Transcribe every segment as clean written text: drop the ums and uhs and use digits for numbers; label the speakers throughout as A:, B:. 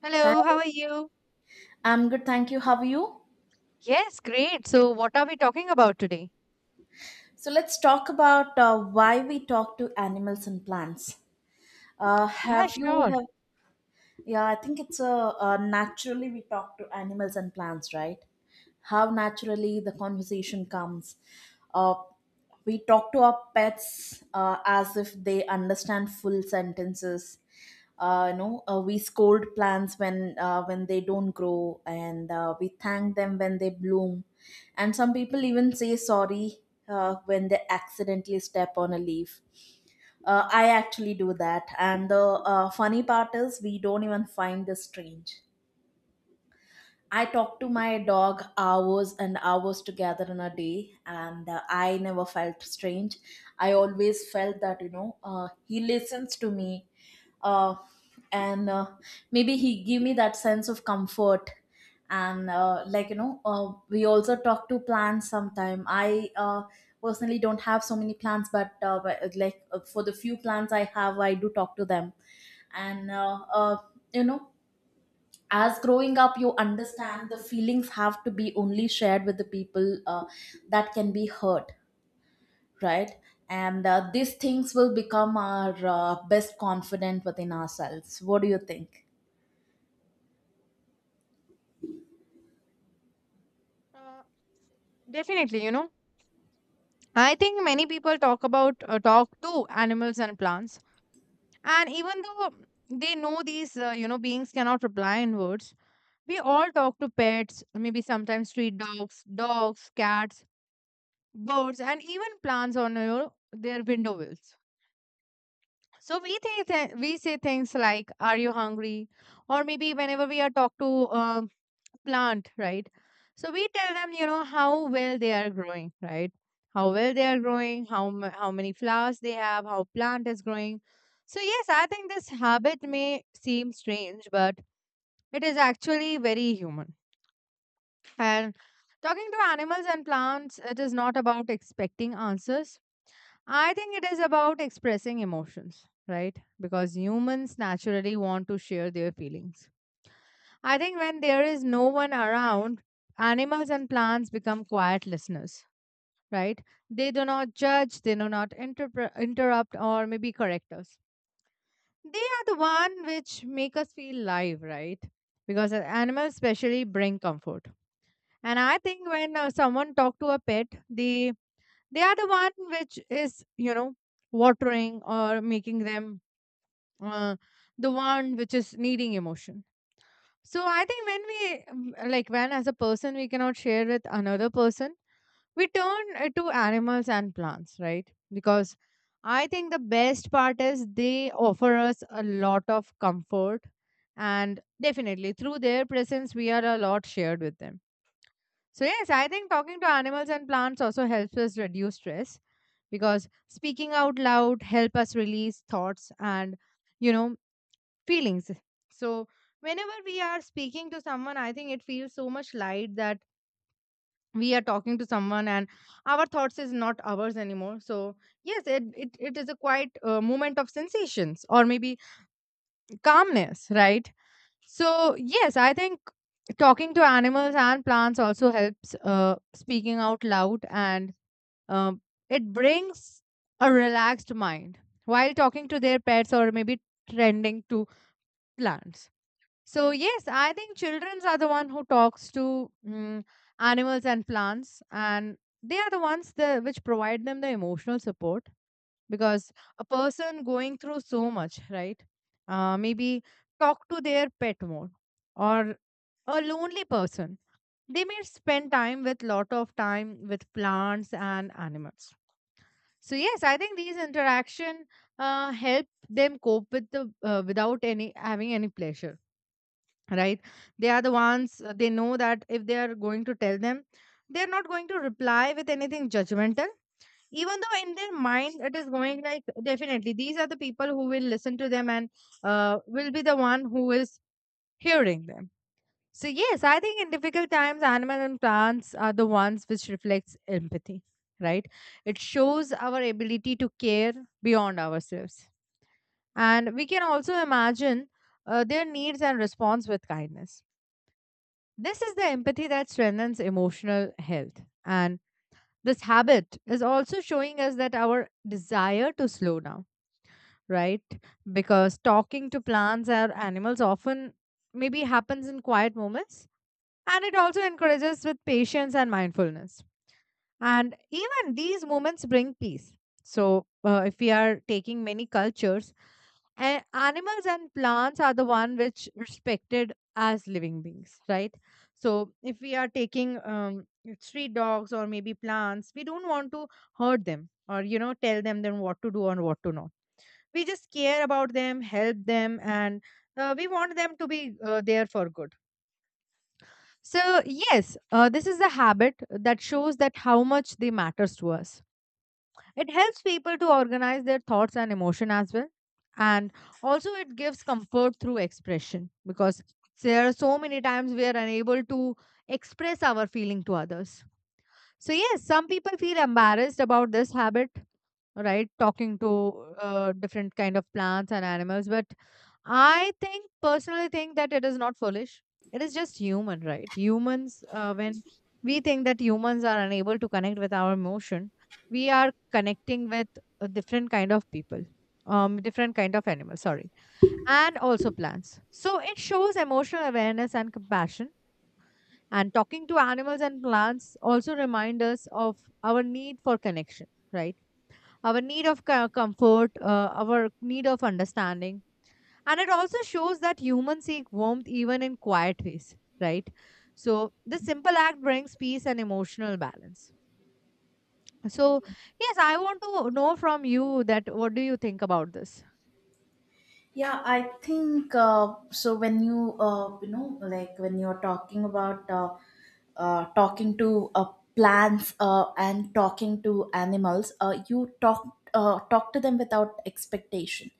A: Hello, how
B: Hi,
A: are you?
B: I'm good, thank you. How are you?
A: Yes, great. So, what are we talking about today?
B: So let's talk about why we talk to animals and plants.
A: Yeah,
B: Have you
A: sure.
B: have Yeah, I think it's a naturally we talk to animals and plants, right? How naturally the conversation comes. Uh, we talk to our pets as if they understand full sentences. We scold plants when when they don't grow, and we thank them when they bloom. And some people even say sorry when they accidentally step on a leaf. I actually do that. And the funny part is, we don't even find this strange. I talk to my dog hours and hours together in a day, and I never felt strange. I always felt that, you know, he listens to me, uh, and maybe he give me that sense of comfort and we also talk to plants sometime I personally don't have so many plants but for the few plants I have I do talk to them and you know as growing up you understand the feelings have to be only shared with the people that can be hurt, right. And these things will become our best confident within ourselves. What do you think?
A: Uh, Definitely, you know, I think many people talk about talk to animals and plants, and even though they know these, you know, beings cannot reply in words, we all talk to pets, maybe sometimes street dogs, dogs, cats, birds, and even plants on your their window wheels. So we think that we say things like, "Are you hungry?" Or maybe whenever we are talk to um, plant, right? So we tell them, you know, how well they are growing, right? How well they are growing, how many flowers they have, how plant is growing. So yes, I think this habit may seem strange, but it is actually very human. And talking to animals and plants, it is not about expecting answers. I think it is about expressing emotions, right? Because humans naturally want to share their feelings. I think when there is no one around, animals and plants become quiet listeners, right? They do not judge, they do not interrupt or maybe correct us. They are the one which make us feel live, right? Because animals especially bring comfort. And I think when someone talk to a pet, they are the one which is, you know, watering or making them uh, the one which is needing emotion. So I think when we, like, when as a person we cannot share with another person, we turn to animals and plants, right? Because I think the best part is they offer us a lot of comfort, and definitely through their presence, we are a lot shared with them. So, yes, I think talking to animals and plants also helps us reduce stress because speaking out loud help us release thoughts and, you know, feelings. So, whenever we are speaking to someone, I think it feels so much light that we are talking to someone and our thoughts is not ours anymore. So, yes, it is a quite moment of sensations or maybe calmness, right? So, yes, I think talking to animals and plants also helps speaking out loud and, um, it brings a relaxed mind while talking to their pets or maybe tending to plants. So yes, I think childrens are the one who talks to animals and plants, and they are the ones that which provide them the emotional support because a person going through so much, right? Maybe talk to their pet more, or a lonely person. They may spend time with lot of time with plants and animals. So yes, I think these interaction help them cope with the without any having any pleasure, right? They are the ones they know that if they are going to tell them, they are not going to reply with anything judgmental, even though in their mind it is going like definitely these are the people who will listen to them and will be the one who is hearing them. So yes, I think in difficult times, animal and plants are the ones which reflects empathy, right? It shows our ability to care beyond ourselves, and we can also imagine their needs and response with kindness. This is the empathy that strengthens emotional health. And this habit is also showing us that our desire to slow down, right? Because talking to plants or animals often maybe happens in quiet moments. And it also encourages with patience and mindfulness. And even these moments bring peace. So, if we are taking many cultures, and animals and plants are the one which respected as living beings, right? So if we are taking street dogs or maybe plants, we don't want to hurt them or, you know, tell them then what to do and what to not. We just care about them, help them, and we want them to be there for good. So yes, this is a habit that shows that how much they matters to us. It helps people to organize their thoughts and emotion as well. And also, it gives comfort through expression because there are so many times we are unable to express our feeling to others. So, yes, some people feel embarrassed about this habit, right? Talking to different kind of plants and animals, but I think personally think that it is not foolish, it is just human, right? Humans, when we think that humans are unable to connect with our emotion, we are connecting with a different kind of people, different kind of animals, sorry, and also plants. So it shows emotional awareness and compassion. And talking to animals and plants also remind us of our need for connection, right? Our need of comfort, our need of understanding. And it also shows that humans seek warmth even in quiet ways, right? So, this simple act brings peace and emotional balance. So, yes, I want to know from you that what do you think about this?
B: Yeah, I think so when you you know like when you're talking about talking to plants and talking to animals you talk to them without expectation,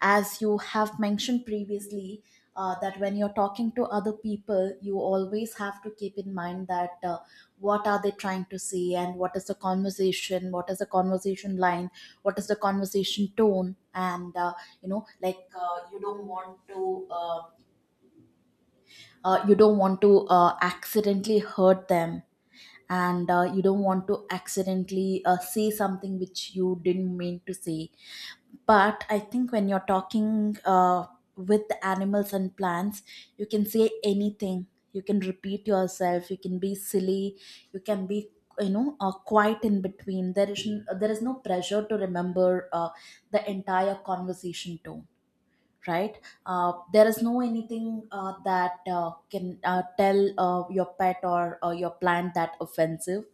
B: as you have mentioned previously, that when you're talking to other people, you always have to keep in mind that what are they trying to say, and what is the conversation, what is the conversation line, what is the conversation tone, and you don't want to you don't want to accidentally hurt them. And you don't want to accidentally say something which you didn't mean to say. But I think when you're talking with animals and plants, you can say anything, you can repeat yourself, you can be silly, you can be, quiet in between. There is no pressure to remember the entire conversation tone, right? There is no anything that can tell your pet or your plant that offensive.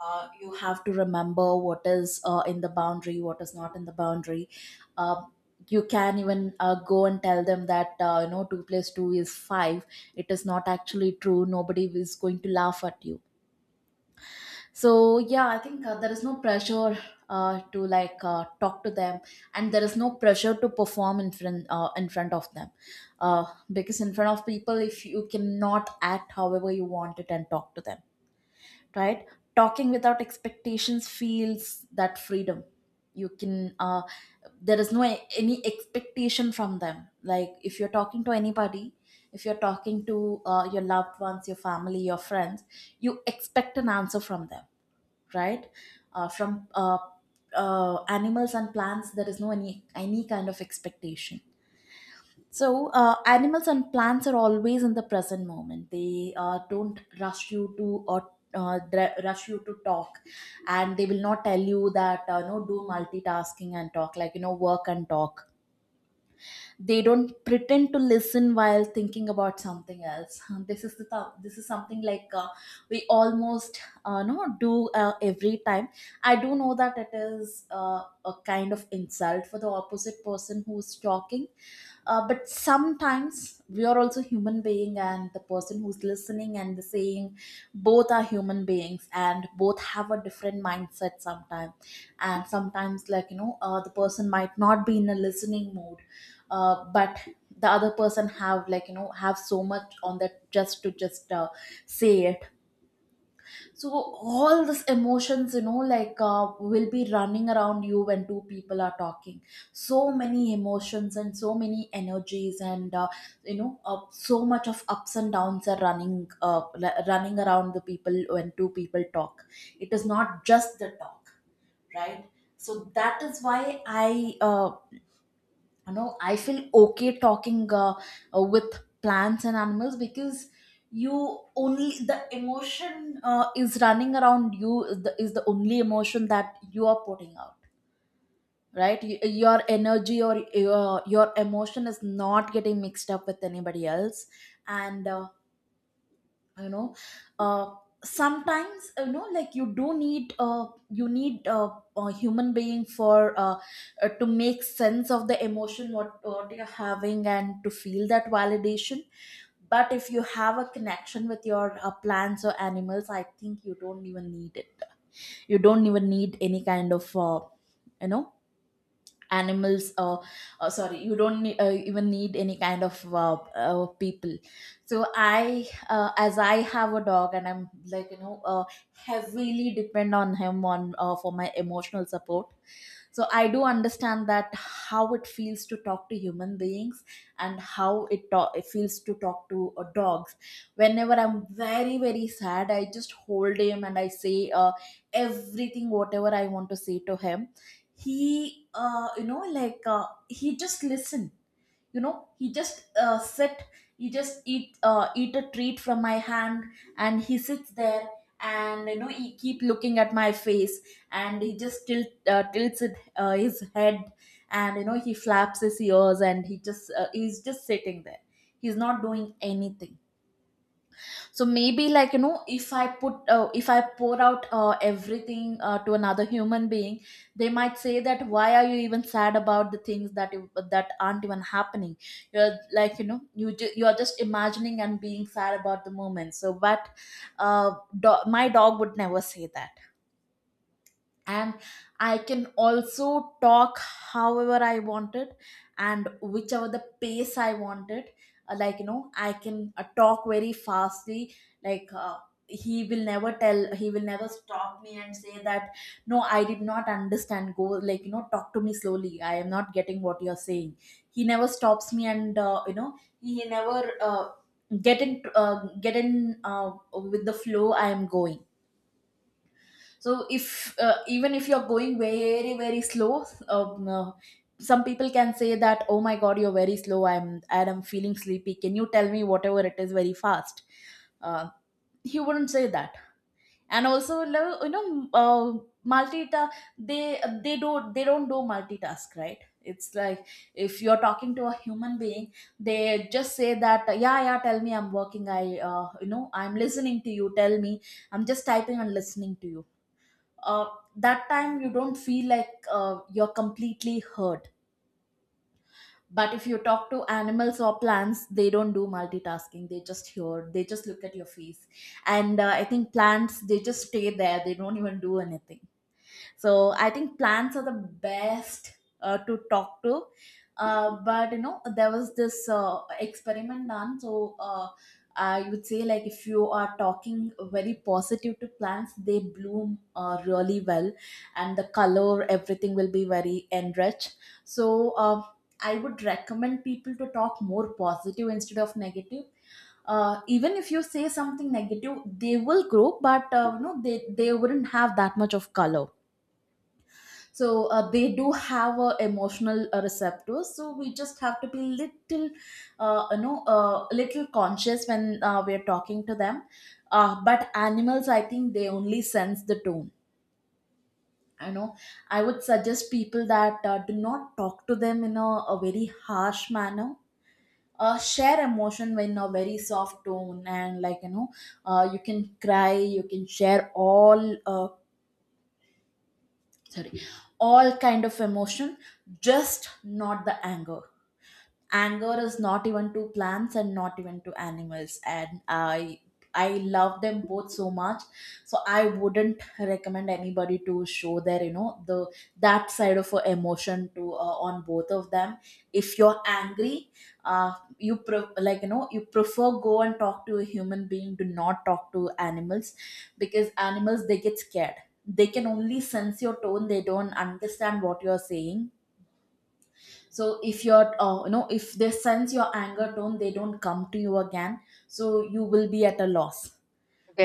B: You have to remember what is in the boundary, what is not in the boundary. Uh, you can even go and tell them that two plus two is five. It is not actually true. Nobody is going to laugh at you. So yeah, I think there is no pressure to like talk to them, and there is no pressure to perform in front of them, uh, because in front of people, if you cannot act however you want it and talk to them, right? Talking without expectations feels that freedom. You can uh, there is no any expectation from them. Like if you're talking to anybody, if you're talking to your loved ones, your family, your friends, you expect an answer from them, right? From animals and plants there is no any kind of expectation. So, animals and plants are always in the present moment. They don't rush you to, or rush you to talk, and they will not tell you that no, do multitasking and talk, like you know, work and talk. They don't pretend to listen while thinking about something else. This is something like we almost no do every time. I do know that it is a kind of insult for the opposite person who's talking, but sometimes we are also human being, and the person who's listening and the saying, both are human beings and both have a different mindset sometimes. And sometimes like you know the person might not be in a listening mood, but the other person have like you know have so much on that just to just say it. So all these emotions, you know, like will be running around you when two people are talking. So many emotions and so many energies, and so much of ups and downs are running, running around the people when two people talk. It is not just the talk, right? So that is why I I feel okay talking with plants and animals, because you only the emotion is running around you is is the only emotion that you are putting out, right? Your energy, or your emotion is not getting mixed up with anybody else. And you know uh sometimes you know like you need a human being for to make sense of the emotion what you're having and to feel that validation. But if you have a connection with your plants or animals, I think you don't even need it. You don't even need any kind of you know animals sorry, you don't even need any kind of people. So I as I have a dog and I'm like heavily depend on him on for my emotional support, so I do understand that how it feels to talk to human beings, and how it feels to talk to dogs. Whenever I'm very very sad I just hold him and I say everything whatever I want to say to him. He he just listen, you know, he just sit, he just eat a treat from my hand, and he sits there, and you know he keep looking at my face, and he just tilts his head, and you know he flaps his ears, and he just he's just sitting there, he's not doing anything. So maybe like you know if I put if I pour out everything to another human being, they might say that why are you even sad about the things that aren't even happening. You're like you know you're just imagining and being sad about the moment. So but uh, my dog would never say that. And I can also talk however I wanted, and whichever the pace I wanted. I can talk very fastly. Like uh, he will never he will never stop me and say that no, I did not understand. Go like you know, talk to me slowly. I am not getting what you are saying. He never stops me, and he never get in with the flow I am going. So if even if you're going very very slow, some people can say that oh my god, you're very slow, I'm feeling sleepy, can you tell me whatever it is very fast. uh, he wouldn't say that. And also lo- you know uh, multita they they don't do multitask, right? It's like if you're talking to a human being, they just say that yeah yeah tell me, I'm working, I I'm listening to you, tell me, I'm just typing and listening to you. uh, that time you don't feel like you're completely hurt. But if you talk to animals or plants, they don't do multitasking, they just hear, they just look at your face. And I think plants, they just stay there, they don't even do anything. So I think plants are the best to talk to. But you know there was this experiment done. So I would say, like, if you are talking very positive to plants, they bloom really well, and the color, everything will be very enriched. So I would recommend people to talk more positive instead of negative. Even if you say something negative they will grow, but they wouldn't have that much of color. So they do have a emotional receptors, so we just have to be little little conscious when we are talking to them. But animals, I think they only sense the tone, you know. I would suggest people that do not talk to them in a very harsh manner. Share emotion in a very soft tone, and like you know you can cry, you can share all sorry, all kind of emotion, just not the anger. Anger is not even to plants and not even to animals, and I love them both so much. So I wouldn't recommend anybody to show their, the that side of a emotion to on both of them. If you're angry, uh like, you know, you prefer go and talk to a human being. Do not talk to animals, because animals, they get scared. They can only sense your tone, they don't understand what you're saying. So if they sense your anger tone, they don't come to you again, so you will be at a loss.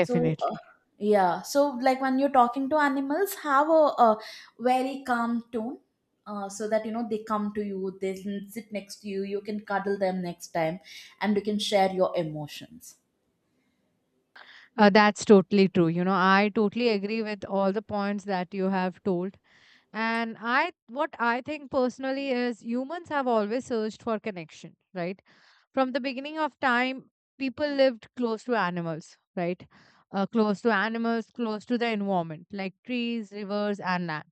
B: so uh, yeah, so, like, when you're talking to animals, have a very calm tone, so that, you know, they come to you, they sit next to you, you can cuddle them next time, and you can share your emotions.
A: That's totally true. You know, I totally agree with all the points that you have told. And I, what I think personally is humans have always searched for connection, right? From the beginning of time, people lived close to animals, right? Close to animals, close to the environment, like trees, rivers, and land.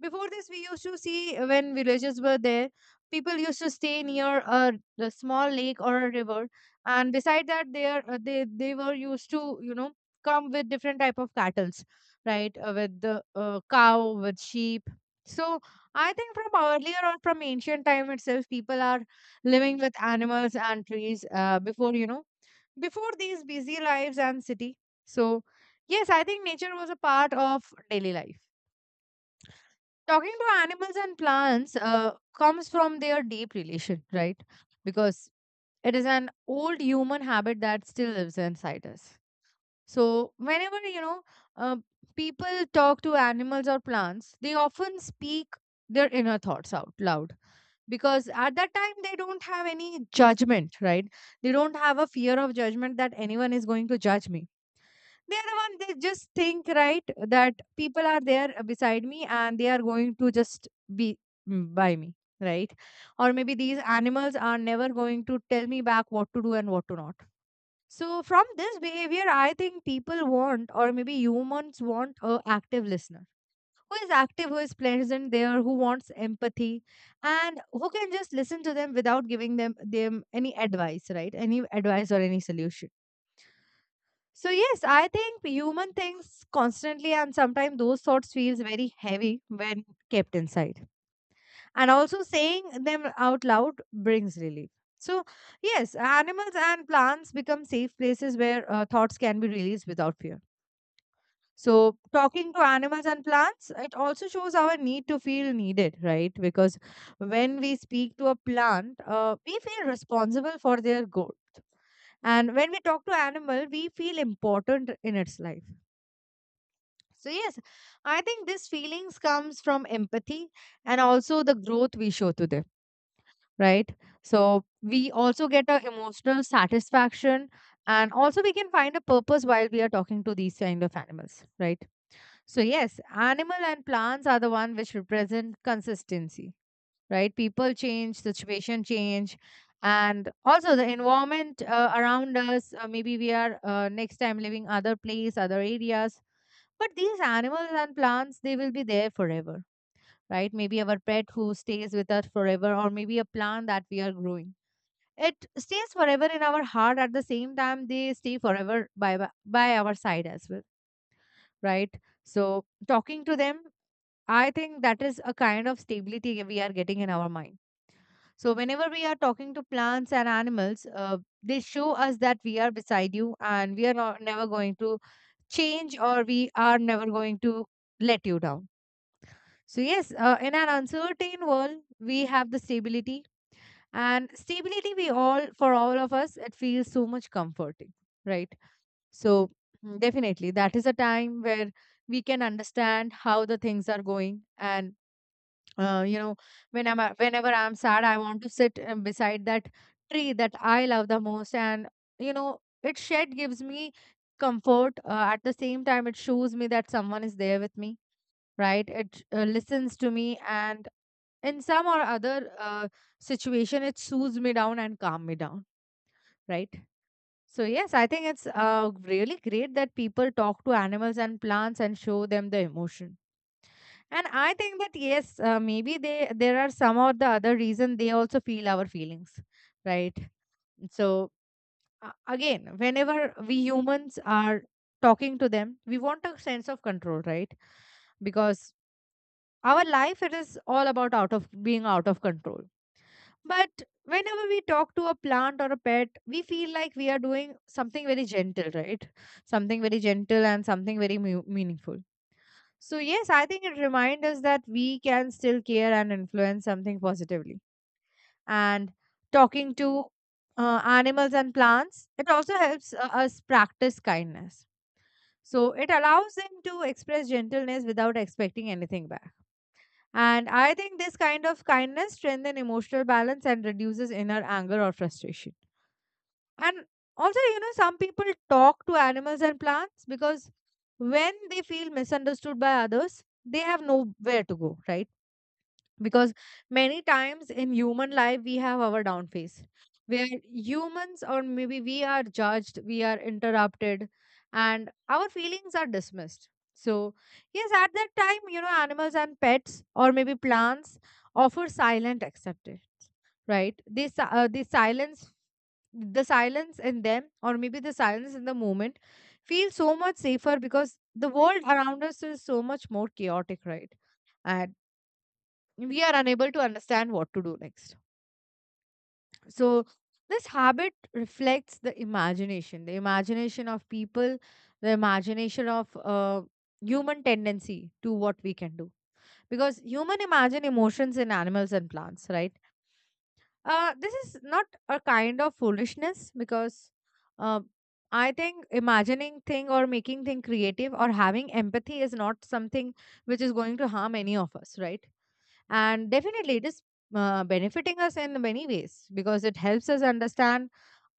A: Before this, we used to see when villages were there, people used to stay near a small lake or a river, and beside that, they are they were used to, you know, come with different type of cattles, right? With the cow, with sheep. So I think from earlier on, from ancient time itself, people are living with animals and trees. Before you know, before these busy lives and city. So yes, I think nature was a part of daily life. Talking to animals and plants comes from their deep relation, right? Because it is an old human habit that still lives inside us. So whenever you know, uh, people talk to animals or plants, they often speak their inner thoughts out loud because at that time they don't have any judgment, right? They don't have a fear of judgment that anyone is going to judge me. They are the one, they just think, right? That people are there beside me and they are going to just be, by me, right? Or maybe these animals are never going to tell me back what to do and what to not. So from this behavior, I think people want or maybe humans want a active listener who is active, who is present there, who wants empathy and who can just listen to them without giving them any advice, right? Any advice or any solution. So yes, I think human thinks constantly and sometimes those thoughts feels very heavy when kept inside. And also saying them out loud brings relief. So yes, animals and plants become safe places where thoughts can be released without fear. So talking to animals and plants, it also shows our need to feel needed, right? Because when we speak to a plant, we feel responsible for their growth. And when we talk to animal, we feel important in its life. So yes, I think these feelings comes from empathy and also the growth we show to them, right? So we also get a emotional satisfaction and also we can find a purpose while we are talking to these kind of animals, right? So yes, animal and plants are the one which represent consistency, right? People change, situation change, and also the environment around us. Maybe we are next time living other place, other areas, but these animals and plants, they will be there forever, right? Maybe our pet who stays with us forever, or maybe a plant that we are growing. It stays forever in our heart. At the same time, they stay forever by our side as well, right? So talking to them, I think that is a kind of stability we are getting in our mind. So whenever we are talking to plants and animals, they show us that we are beside you and we are not, never going to change or we are never going to let you down. So, yes, in an uncertain world, we have the stability, and stability, we all, for all of us, it feels so much comforting, right? So, definitely, that is a time where we can understand how the things are going. And, you know, when I'm, whenever I'm sad, I want to sit beside that tree that I love the most. And, you know, it shed gives me comfort. At the same time, it shows me that someone is there with me. Right, it listens to me and in some or other situation it soothes me down and calm me down, right. So yes, I think it's really great that people talk to animals and plants and show them the emotion. And I think that yes, maybe they there are some or the other reason they also feel our feelings, right. So again, whenever we humans are talking to them, we want a sense of control, right? Because our life, it is all about out of being out of control. But whenever we talk to a plant or a pet, we feel like we are doing something very gentle, right? Something very gentle and something meaningful. So yes, I think it reminds us that we can still care and influence something positively. And talking to animals and plants, it also helps us practice kindness. So it allows them to express gentleness without expecting anything back. And I think this kind of kindness strengthens emotional balance and reduces inner anger or frustration. And also, some people talk to animals and plants because when they feel misunderstood by others, they have nowhere to go, right? Because many times in human life, we have our down phase where humans or maybe we are judged, we are interrupted, and our feelings are dismissed. So yes, at that time, animals and pets or maybe plants offer silent acceptance, right. This si- they silence the silence in them, or maybe the silence in the moment, feels so much safer because the world around us is so much more chaotic, right. And we are unable to understand what to do next. So this habit reflects the imagination of people, the imagination of human tendency to what we can do, because human imagine emotions in animals and plants, right. This is not a kind of foolishness, because uh, I think imagining thing or making thing creative or having empathy is not something which is going to harm any of us, right? And definitely it is benefiting us in many ways because it helps us understand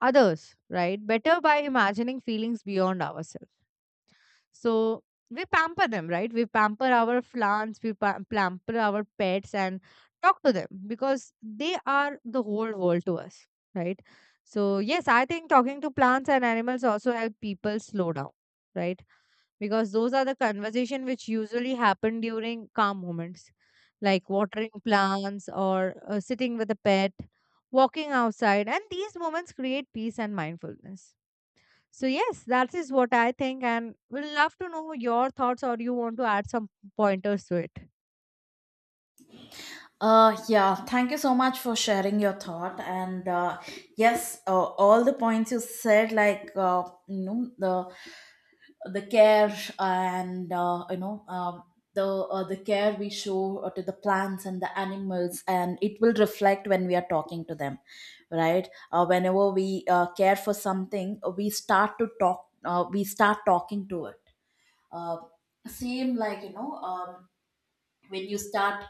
A: others, right? Better by imagining feelings beyond ourselves. So we pamper them, right? We pamper our plants, we pamper our pets, and talk to them because they are the whole world to us, right? So yes, I think talking to plants and animals also help people slow down, right? Because those are the conversation which usually happen during calm moments, like watering plants or sitting with a pet, walking outside. And these moments create peace and mindfulness. So yes, that is what I think, and we'll love to know your thoughts or you want to add some pointers to it.
B: Yeah, thank you so much for sharing your thought. And Yes, all the points you said, like, you know, the care and, you know, the care we show, to the plants and the animals, and it will reflect when we are talking to them, right? Whenever we, care for something, we start to talk. We start talking to it. Uh, Same, like, you know. When you start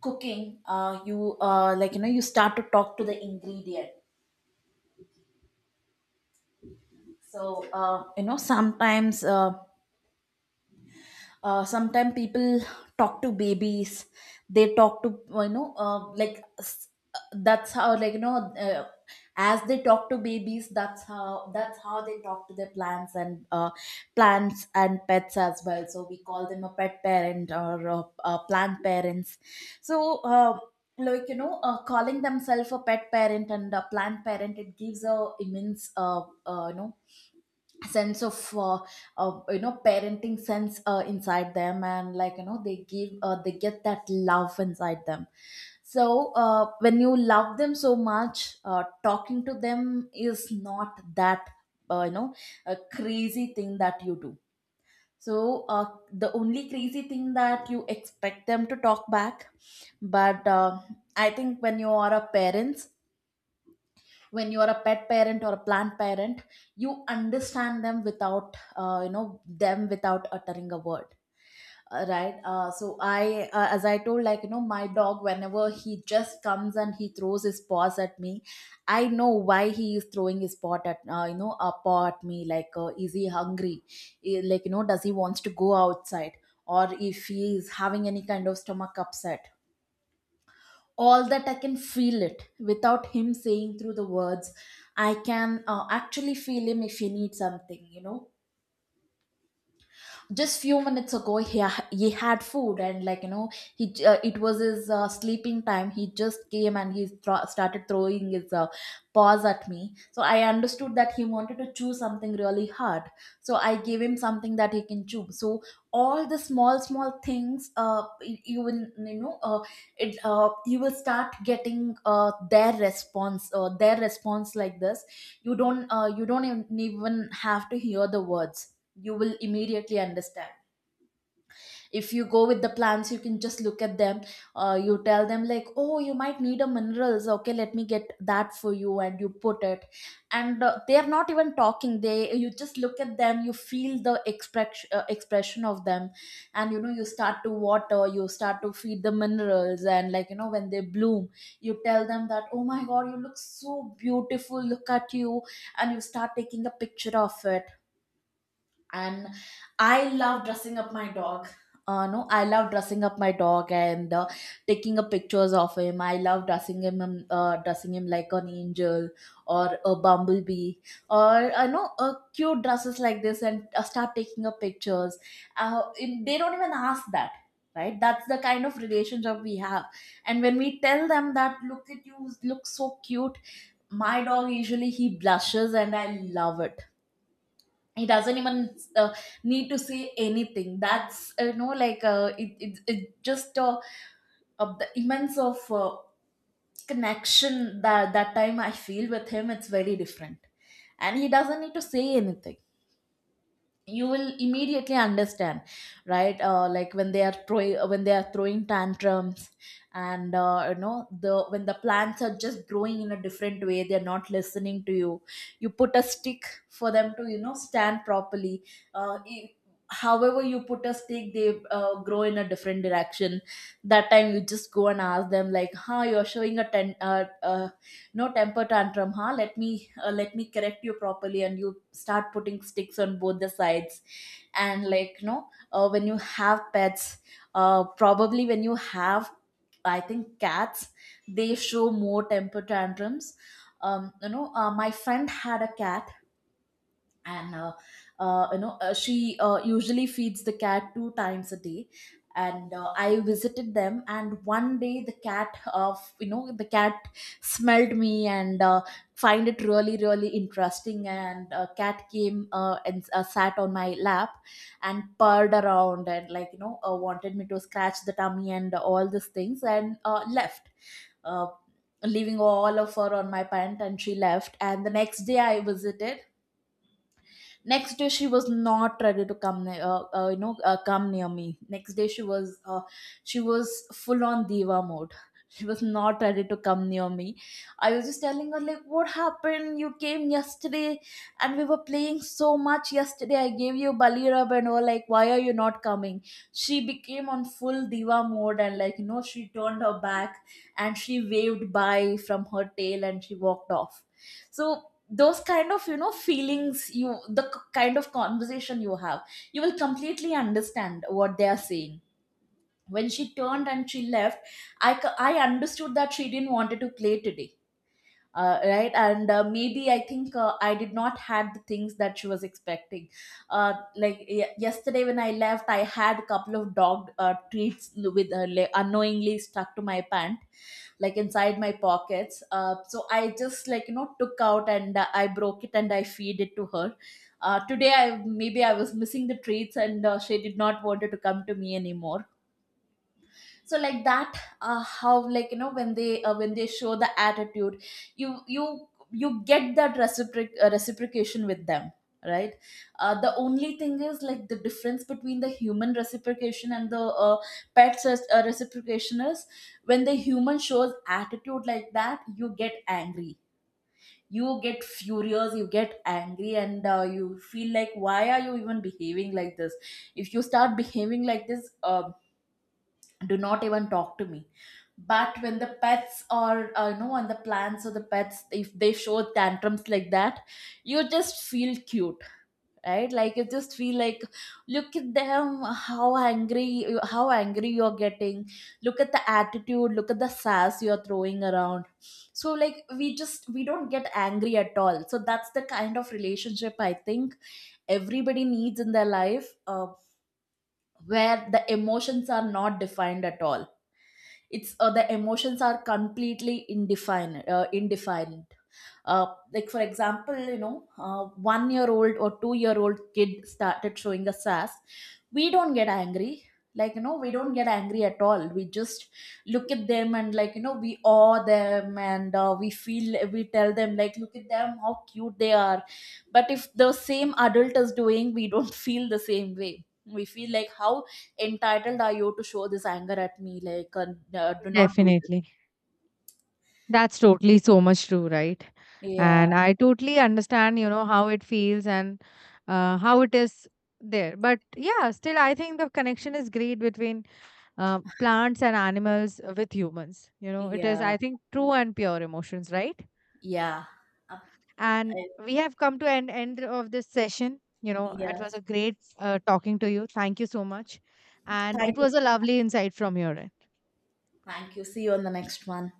B: cooking, you like you know you start to talk to the ingredient. So sometimes people talk to babies. They talk to, you know, that's how, like, you know, as they talk to babies, that's how they talk to their plants and pets as well. So we call them a pet parent or, plant parents. So, like, you know, calling themselves a pet parent and a plant parent, it gives a immense, you know, sense of, you know, parenting sense inside them, and, like, you know, they get that love inside them. So, when you love them so much, talking to them is not that, you know, a crazy thing that you do. So, the only crazy thing that you expect them to talk back. But, I think when you are a parent, when you are a pet parent or a plant parent, you understand them without, you know them without uttering a word, right? Uh, so I, as I told, like, you know, my dog, whenever he just comes and he throws his paws at me, I know why he is throwing his paw at you know a paw at me, like, is he hungry? Eh, like, you know, does he wants to go outside, or if he is having any kind of stomach upset? All that I can feel it without him saying through the words. I can, actually feel him if he needs something. Just few minutes ago, he had food, and, like, you know, it was his, sleeping time, he just came and started throwing his, paws at me, so I understood that he wanted to chew something really hard, so I gave him something that he can chew. So all the small small things, you will, you know, it you will start getting, their response, their response like this. You don't even have to hear the words, you will immediately understand. If you go with the plants, you can just look at them. You tell them, like, oh, you might need a minerals, okay, let me get that for you, and you put it. And, they are not even talking, they, you just look at them, you feel the expression of them, and, you know, you start to water, you start to feed the minerals, and, like, you know, when they bloom, you tell them that, oh my god, you look so beautiful, look at you, and you start taking a picture of it. And I love dressing up my dog. Uh, no, I love dressing up my dog, and, taking a pictures of him. I love dressing him, dressing him like an angel or a bumblebee, or, I know, cute dresses like this, and, start taking up pictures. They don't even ask that, right? That's the kind of relationship we have. And when we tell them that look at you, look so cute, my dog usually he blushes, and I love it. He doesn't even, need to say anything, that's, you know, like, it just, of the immense of, connection that, that time I feel with him, it's very different. And he doesn't need to say anything, you will immediately understand, right? Like when they are throwing when they are throwing tantrums, and, you know, the when the plants are just growing in a different way, they're not listening to you, you put a stick for them to, you know, stand properly. uh, i- However you put a stick, they, grow in a different direction. That time you just go and ask them, like, huh, you're showing a no temper tantrum, huh? Let me correct you properly, and you start putting sticks on both the sides. And like no, know, when you have pets, probably when you have, I think, cats, they show more temper tantrums. You know, my friend had a cat, and, you know, she, usually feeds the cat two times a day. And, I visited them, and one day, the cat of you know, the cat smelled me, and, find it really really interesting, and, cat came, and, sat on my lap, and purred around, and, like, you know, wanted me to scratch the tummy and all these things, and, left, uh, leaving all of her on my pant, and she left, and the next day I visited. Next day she was not ready to come, you know, come near me. Next day she was full on diva mode. She was not ready to come near me. I was just telling her, like, what happened? You came yesterday, and we were playing so much yesterday, I gave you bali rub and all, like, why are you not coming? She became on full diva mode, and, like, you know, she turned her back, and she waved bye from her tail, and she walked off. So those kind of, you know, feelings, kind of conversation you have, you will completely understand what they are saying. When she turned and she left, I understood that she didn't wanted to play today, right? And, maybe I think, I did not had the things that she was expecting. Like, yesterday when I left, I had a couple of dog, treats with, like, unknowingly stuck to my pant, like inside my pockets, so I just, like, you know, took out, and, I broke it and I feed it to her. Today I maybe I was missing the treats, and, she did not wanted to come to me anymore. So like that, how, like, you know, when they show the attitude, you get that reciprocation with them, right? Uh, the only thing is, like, the difference between the human reciprocation and the, pets reciprocation is, when the human shows attitude like that, you get angry, you get furious, you get angry, and, you feel like, why are you even behaving like this? If you start behaving like this, do not even talk to me. But when the pets are, you know, on the plants or the pets, if they show tantrums like that, you just feel cute. Right, like you just feel like, look at them, how angry how angry you're getting, look at the attitude, look at the sass you're throwing around. So, like, we don't get angry at all. So that's the kind of relationship I think everybody needs in their life, where the emotions are not defined at all, it's, the emotions are completely indefined, uh, like, for example, you know, 1-year old or 2-year old kid started showing us sass, we don't get angry. Like, you know, we don't get angry at all, we just look at them, and, like, you know, we awe them, and, we tell them, like, look at them, how cute they are. But if the same adult is doing, we don't feel the same way, we feel like, how entitled are you to show this anger at me? Like, do not do this.
A: Definitely. That's totally so much true, right?
B: Yeah,
A: And I totally understand, you know, how it feels and how it is there. But yeah, still, I think the connection is great between plants and animals with humans. You know, it is,
B: yeah,
A: I think, true and pure emotions, right?
B: yeah. Um,
A: And
B: I-
A: we have come to an end of this session. You know, it
B: yeah.
A: was a great talking to you. Thank you so much. And
B: Thank
A: it
B: you.
A: was a lovely insight from your end.
B: Thank you. See you on the next one.